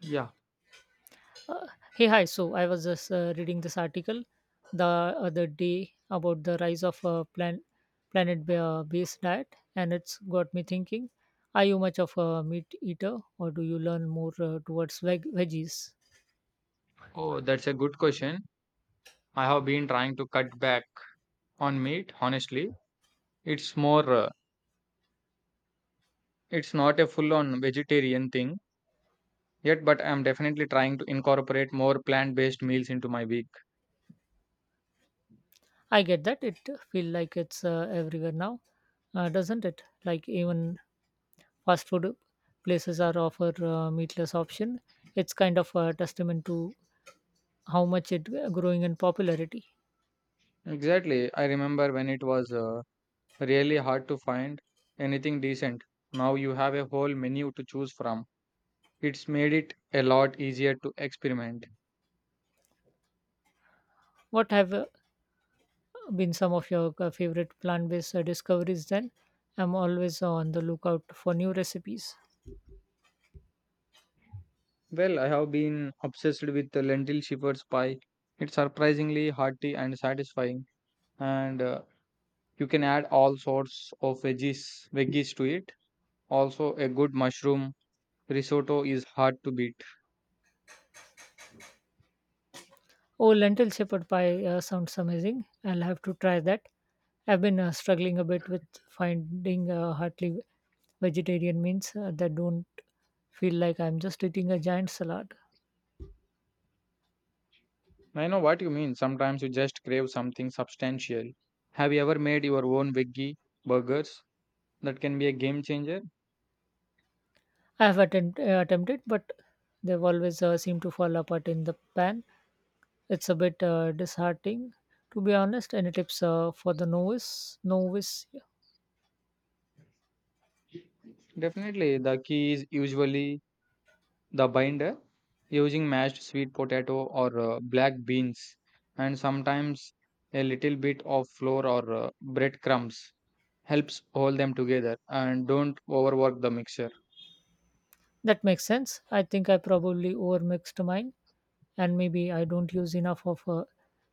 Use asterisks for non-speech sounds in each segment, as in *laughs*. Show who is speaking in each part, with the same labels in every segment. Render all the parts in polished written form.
Speaker 1: Yeah.
Speaker 2: Uh, Hey, hi. So I was just reading this article the other day about the rise of a planet-based diet, and it's got me thinking. Are you much of a meat eater, or do you learn more towards veggies?
Speaker 1: Oh, that's a good question. I have been trying to cut back on meat, honestly. It's more. It's not a full-on vegetarian thing yet, but I'm definitely trying to incorporate more plant-based meals into my week.
Speaker 2: I get that it feel like it's everywhere now, doesn't it? Like even fast food places are offer meatless option. It's kind of a testament to how much it growing in popularity.
Speaker 1: Exactly. I remember when it was really hard to find anything decent. Now you have a whole menu to choose from. It's made it a lot easier to experiment.
Speaker 2: What have been some of your favorite plant-based discoveries then? I'm always on the lookout for new recipes.
Speaker 1: Well, I have been obsessed with the lentil shepherd's pie. It's surprisingly hearty and satisfying and you can add all sorts of veggies to it. Also, a good mushroom risotto is hard to beat.
Speaker 2: Oh, lentil shepherd pie sounds amazing. I'll have to try that. I've been struggling a bit with finding heartily vegetarian meals that don't feel like I'm just eating a giant salad.
Speaker 1: I know what you mean. Sometimes you just crave something substantial. Have you ever made your own veggie burgers? That can be a game changer.
Speaker 2: I have attempted, but they've always seemed to fall apart in the pan. It's a bit disheartening, to be honest. Any tips for the novice? Novice.
Speaker 1: Definitely, the key is usually the binder, using mashed sweet potato or black beans, and sometimes a little bit of flour or breadcrumbs helps hold them together, and don't overwork the mixture.
Speaker 2: That makes sense. I think I probably overmixed mine, and maybe I don't use enough of a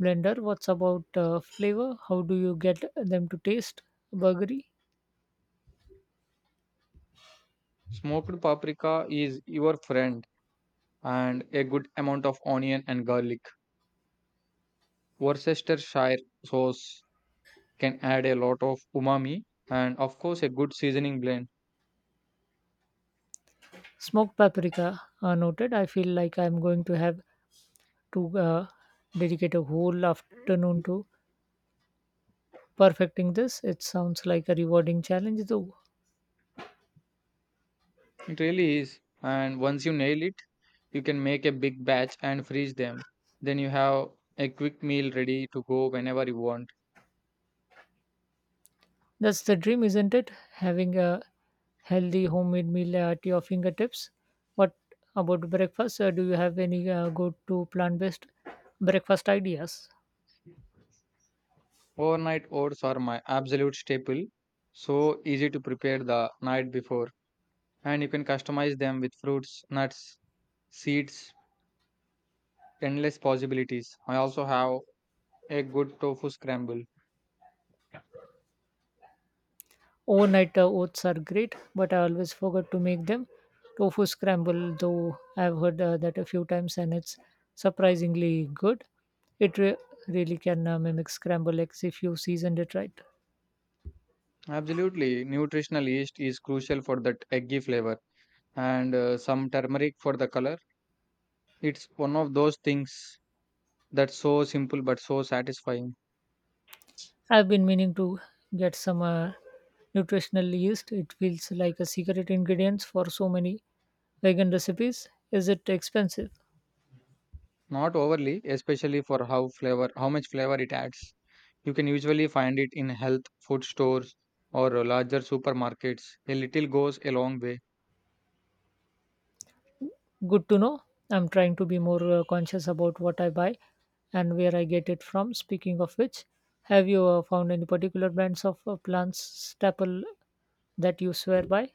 Speaker 2: blender. What's about flavor? How do you get them to taste? Burgery,
Speaker 1: Smoked paprika is your friend, and a good amount of onion and garlic. Worcestershire sauce can add a lot of umami, and of course a good seasoning blend.
Speaker 2: smoked paprika. Noted. I feel like I'm going to have to dedicate a whole afternoon to perfecting this. It sounds like a rewarding challenge, though.
Speaker 1: It really is. And once you nail it, you can make a big batch and freeze them. Then you have a quick meal ready to go whenever you want.
Speaker 2: That's the dream, isn't it? Having a healthy homemade meal at your fingertips. What about breakfast? Do you have any go to plant based breakfast ideas?
Speaker 1: Overnight oats are my absolute staple. So easy to prepare the night before. And you can customize them with fruits, nuts, seeds, endless possibilities. I also have a good tofu scramble.
Speaker 2: Overnight oats are great, but I always forget to make them. Tofu scramble, though, I've heard that a few times and it's surprisingly good. It re- Really can mimic scramble eggs if you seasoned it right.
Speaker 1: Absolutely, nutritional yeast is crucial for that eggy flavor, and some turmeric for the color. It's one of those things that's so simple but so satisfying.
Speaker 2: I've been meaning to get some nutritional yeast. It feels like a secret ingredient for so many vegan recipes. Is it expensive?
Speaker 1: Not overly, especially for how much flavor it adds. You can usually find it in health food stores or larger supermarkets. A little goes a long way.
Speaker 2: Good to know. I'm trying to be more conscious about what I buy and where I get it from. Speaking of which, have you found any particular brands of plants staple that you swear by?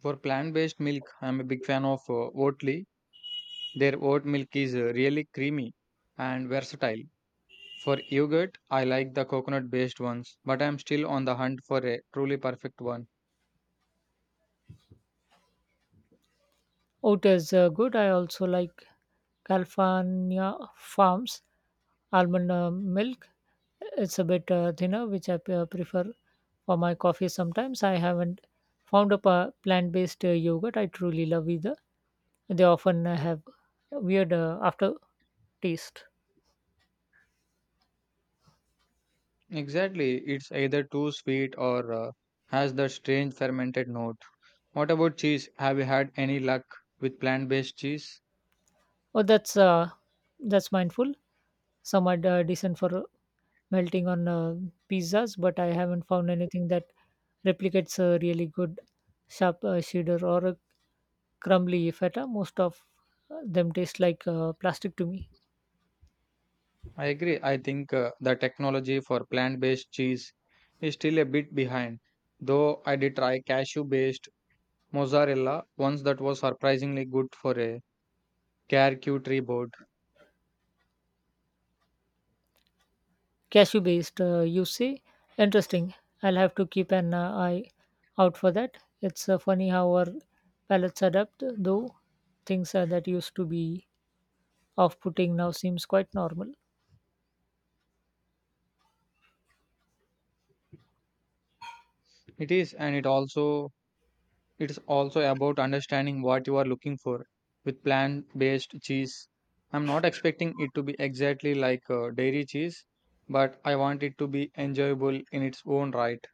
Speaker 1: For plant based milk, I'm a big fan of Oatly. Their oat milk is really creamy and versatile. For yogurt, I like the coconut based ones, but I'm still on the hunt for a truly perfect one.
Speaker 2: Oh, it is good. I also like California Farms almond milk. It's a bit thinner, which prefer for my coffee sometimes. I haven't found a plant-based yogurt I truly love either. They often have weird after taste.
Speaker 1: Exactly, it's either too sweet or has that strange fermented note. What about cheese? Have you had any luck with plant based cheese?
Speaker 2: Oh, that's mindful. Some are decent for melting on pizzas, but I haven't found anything that replicates a really good sharp cheddar or a crumbly feta. Most of them taste like plastic to me.
Speaker 1: I agree, I think the technology for plant based cheese is still a bit behind, though I did try cashew based mozzarella once. That was surprisingly good for a charcuterie board.
Speaker 2: Cashew based, you say? Interesting. I'll have to keep an eye out for that. It's funny how our palates adapt, though things that used to be off putting now seems quite normal.
Speaker 1: It is, and it is also about understanding what you are looking for with plant-based cheese. I'm not expecting it to be exactly like dairy cheese, but I want it to be enjoyable in its own right.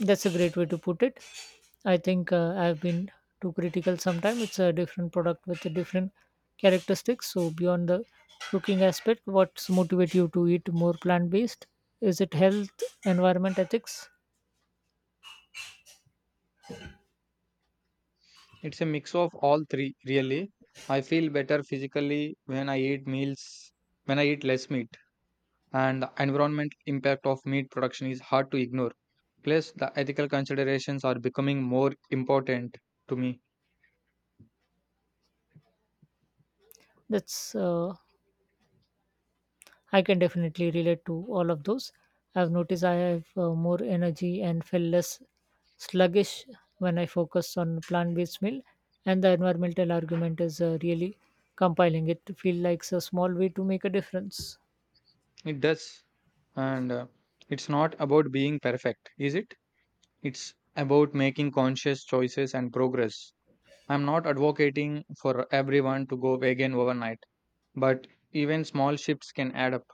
Speaker 2: That's a great way to put it. I think I've been too critical sometimes. It's a different product with a different characteristics. So beyond the cooking aspect, what's motivate you to eat more plant based? Is it health, environment, ethics?
Speaker 1: It's a mix of all three, really. I feel better physically when I eat less meat. And the environment impact of meat production is hard to ignore. Plus, the ethical considerations are becoming more important to me.
Speaker 2: That's I can definitely relate to all of those. I've noticed I have more energy and feel less sluggish when I focus on plant-based meal, and the environmental argument is really compiling. It feels like a small way to make a difference.
Speaker 1: It does, and it's not about being perfect, is it? It's about making conscious choices and progress. I'm not advocating for everyone to go vegan overnight, but even small shifts can add up.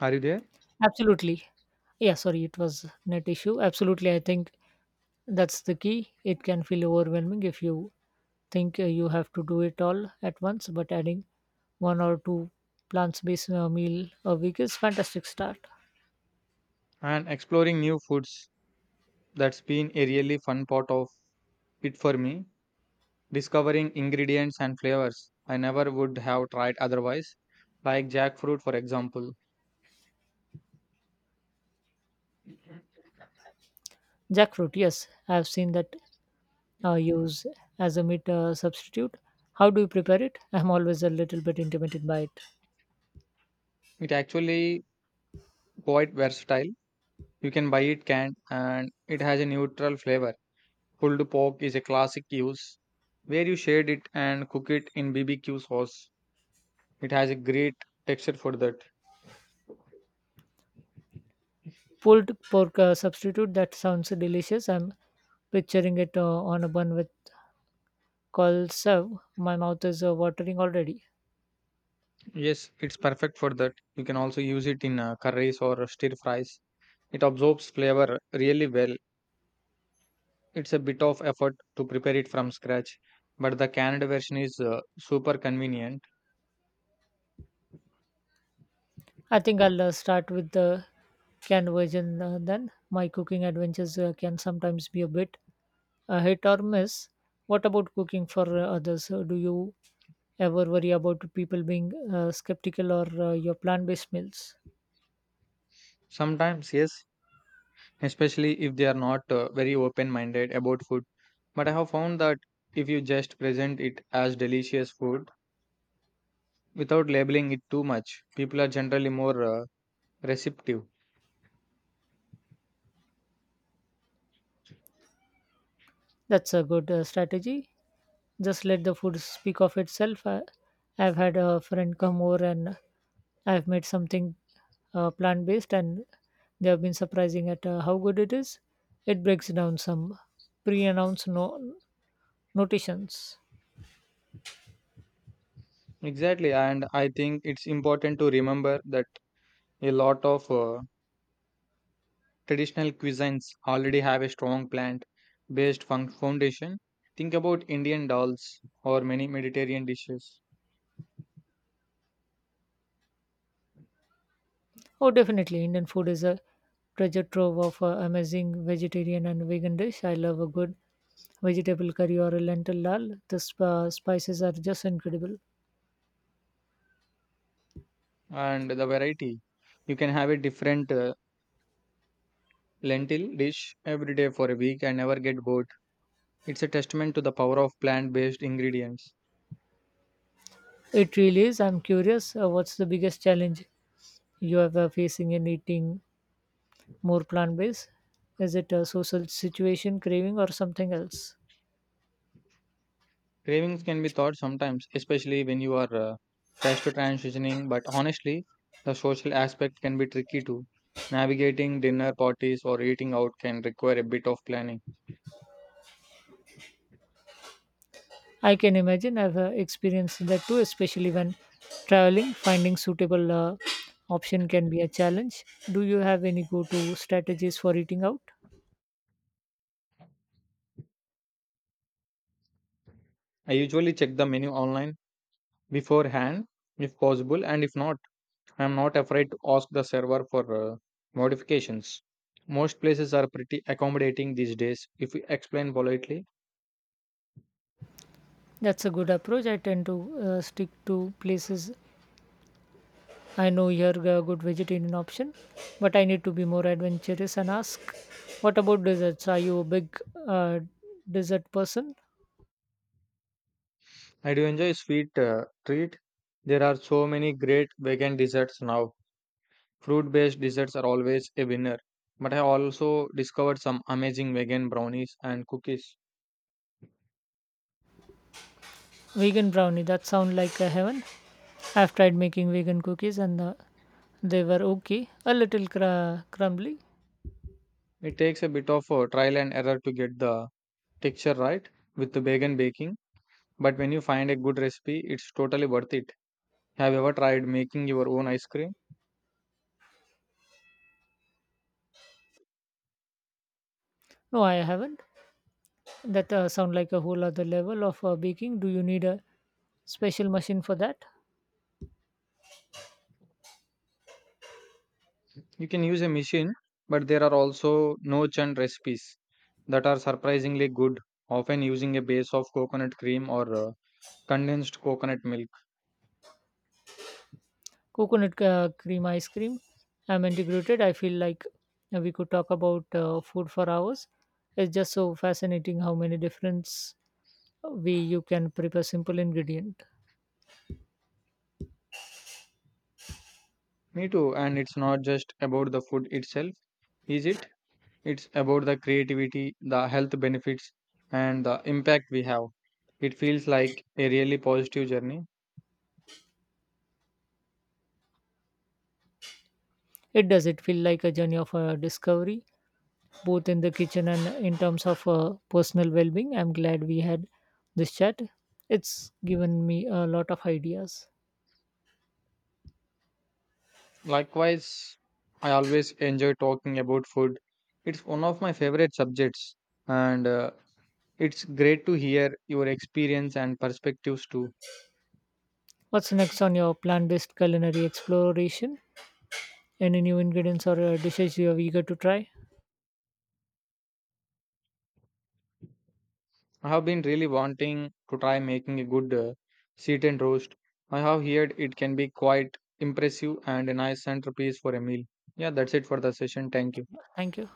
Speaker 1: Are you there?
Speaker 2: Absolutely. Yeah, sorry, it was net issue. Absolutely, I think that's the key. It can feel overwhelming if you think you have to do it all at once, but adding one or two plants-based meal a week is fantastic start.
Speaker 1: And exploring new foods, that's been a really fun part of it for me. Discovering ingredients and flavors I never would have tried otherwise, like jackfruit, for example.
Speaker 2: Jackfruit, yes, I've seen that used as a meat substitute. How do you prepare it? *laughs* I'm always a little bit intimidated by it.
Speaker 1: It actually quite versatile. You can buy it canned and it has a neutral flavor. Pulled pork is a classic use, where you shade it and cook it in BBQ sauce. It has a great texture for that.
Speaker 2: Pulled pork substitute, that sounds delicious. I'm picturing it on a bun with call serve. My mouth is watering already.
Speaker 1: Yes, it's perfect for that. You can also use it in curries or stir fries. It absorbs flavor really well. It's a bit of effort to prepare it from scratch, but the canned version is super convenient.
Speaker 2: I think I'll start with the canned version then. My cooking adventures can sometimes be a bit hit or miss. What about cooking for others? Do you ever worry about people being skeptical or your plant based meals?
Speaker 1: Sometimes, yes, especially if they are not very open minded about food. But I have found that if you just present it as delicious food without labeling it too much, people are generally more receptive.
Speaker 2: That's a good strategy. Just let the food speak of itself. I've had a friend come over and I've made something plant based, and they have been surprising at how good it is. It breaks down some pre announced notations.
Speaker 1: Exactly, and I think it's important to remember that a lot of traditional cuisines already have a strong plant based foundation. Think about Indian dals or many Mediterranean dishes.
Speaker 2: Oh, definitely. Indian food is a treasure trove of amazing vegetarian and vegan dish. I love a good vegetable curry or a lentil dal. The spices are just incredible.
Speaker 1: And the variety. You can have a different lentil dish every day for a week and never get bored. It's a testament to the power of plant based ingredients.
Speaker 2: It really is. I'm curious, what's the biggest challenge you are facing in eating more plant based? Is it a social situation, craving, or something else?
Speaker 1: Cravings can be thought sometimes, especially when you are fast to transitioning, but honestly, the social aspect can be tricky too. Navigating dinner parties or eating out can require a bit of planning.
Speaker 2: I can imagine I've experienced that too, especially when traveling. Finding suitable option can be a challenge. Do you have any go to strategies for eating out?
Speaker 1: I usually check the menu online beforehand if possible, and if not, I am not afraid to ask the server for modifications. Most places are pretty accommodating these days if we explain politely.
Speaker 2: That's a good approach. I tend to stick to places I know you're a good vegetarian option, but I need to be more adventurous and ask, what about desserts? Are you a big uh, dessert person?
Speaker 1: I do enjoy sweet treat. There are so many great vegan desserts now. Fruit based desserts are always a winner. But I also discovered some amazing vegan brownies and cookies.
Speaker 2: Vegan brownie, that sound like a heaven. I've tried making vegan cookies and they were okay, a little crumbly.
Speaker 1: It takes a bit of trial and error to get the texture right with the vegan baking. But when you find a good recipe, it's totally worth it. Have you ever tried making your own ice cream?
Speaker 2: No, I haven't. That sound like a whole other level of baking. Do you need a special machine for that?
Speaker 1: You can use a machine, but there are also no churn recipes that are surprisingly good, often using a base of coconut cream or condensed coconut milk.
Speaker 2: Coconut cream ice cream. I'm integrated. I feel like we could talk about food for hours. It's just so fascinating how many different way you can prepare simple ingredient.
Speaker 1: Me too, and it's not just about the food itself, is it? It's about the creativity, the health benefits, and the impact we have. It feels like a really positive journey.
Speaker 2: It does. It feel like a journey of discovery, both in the kitchen and in terms of personal well-being. I'm glad we had this chat. It's given me a lot of ideas.
Speaker 1: Likewise, I always enjoy talking about food. It's one of my favorite subjects, and it's great to hear your experience and perspectives too.
Speaker 2: What's next on your plant-based culinary exploration? Any new ingredients or dishes you are eager to try?
Speaker 1: I have been really wanting to try making a good seat and roast. I have heard it can be quite impressive and a nice centerpiece for a meal. Yeah, that's it for the session. Thank you.
Speaker 2: Thank you.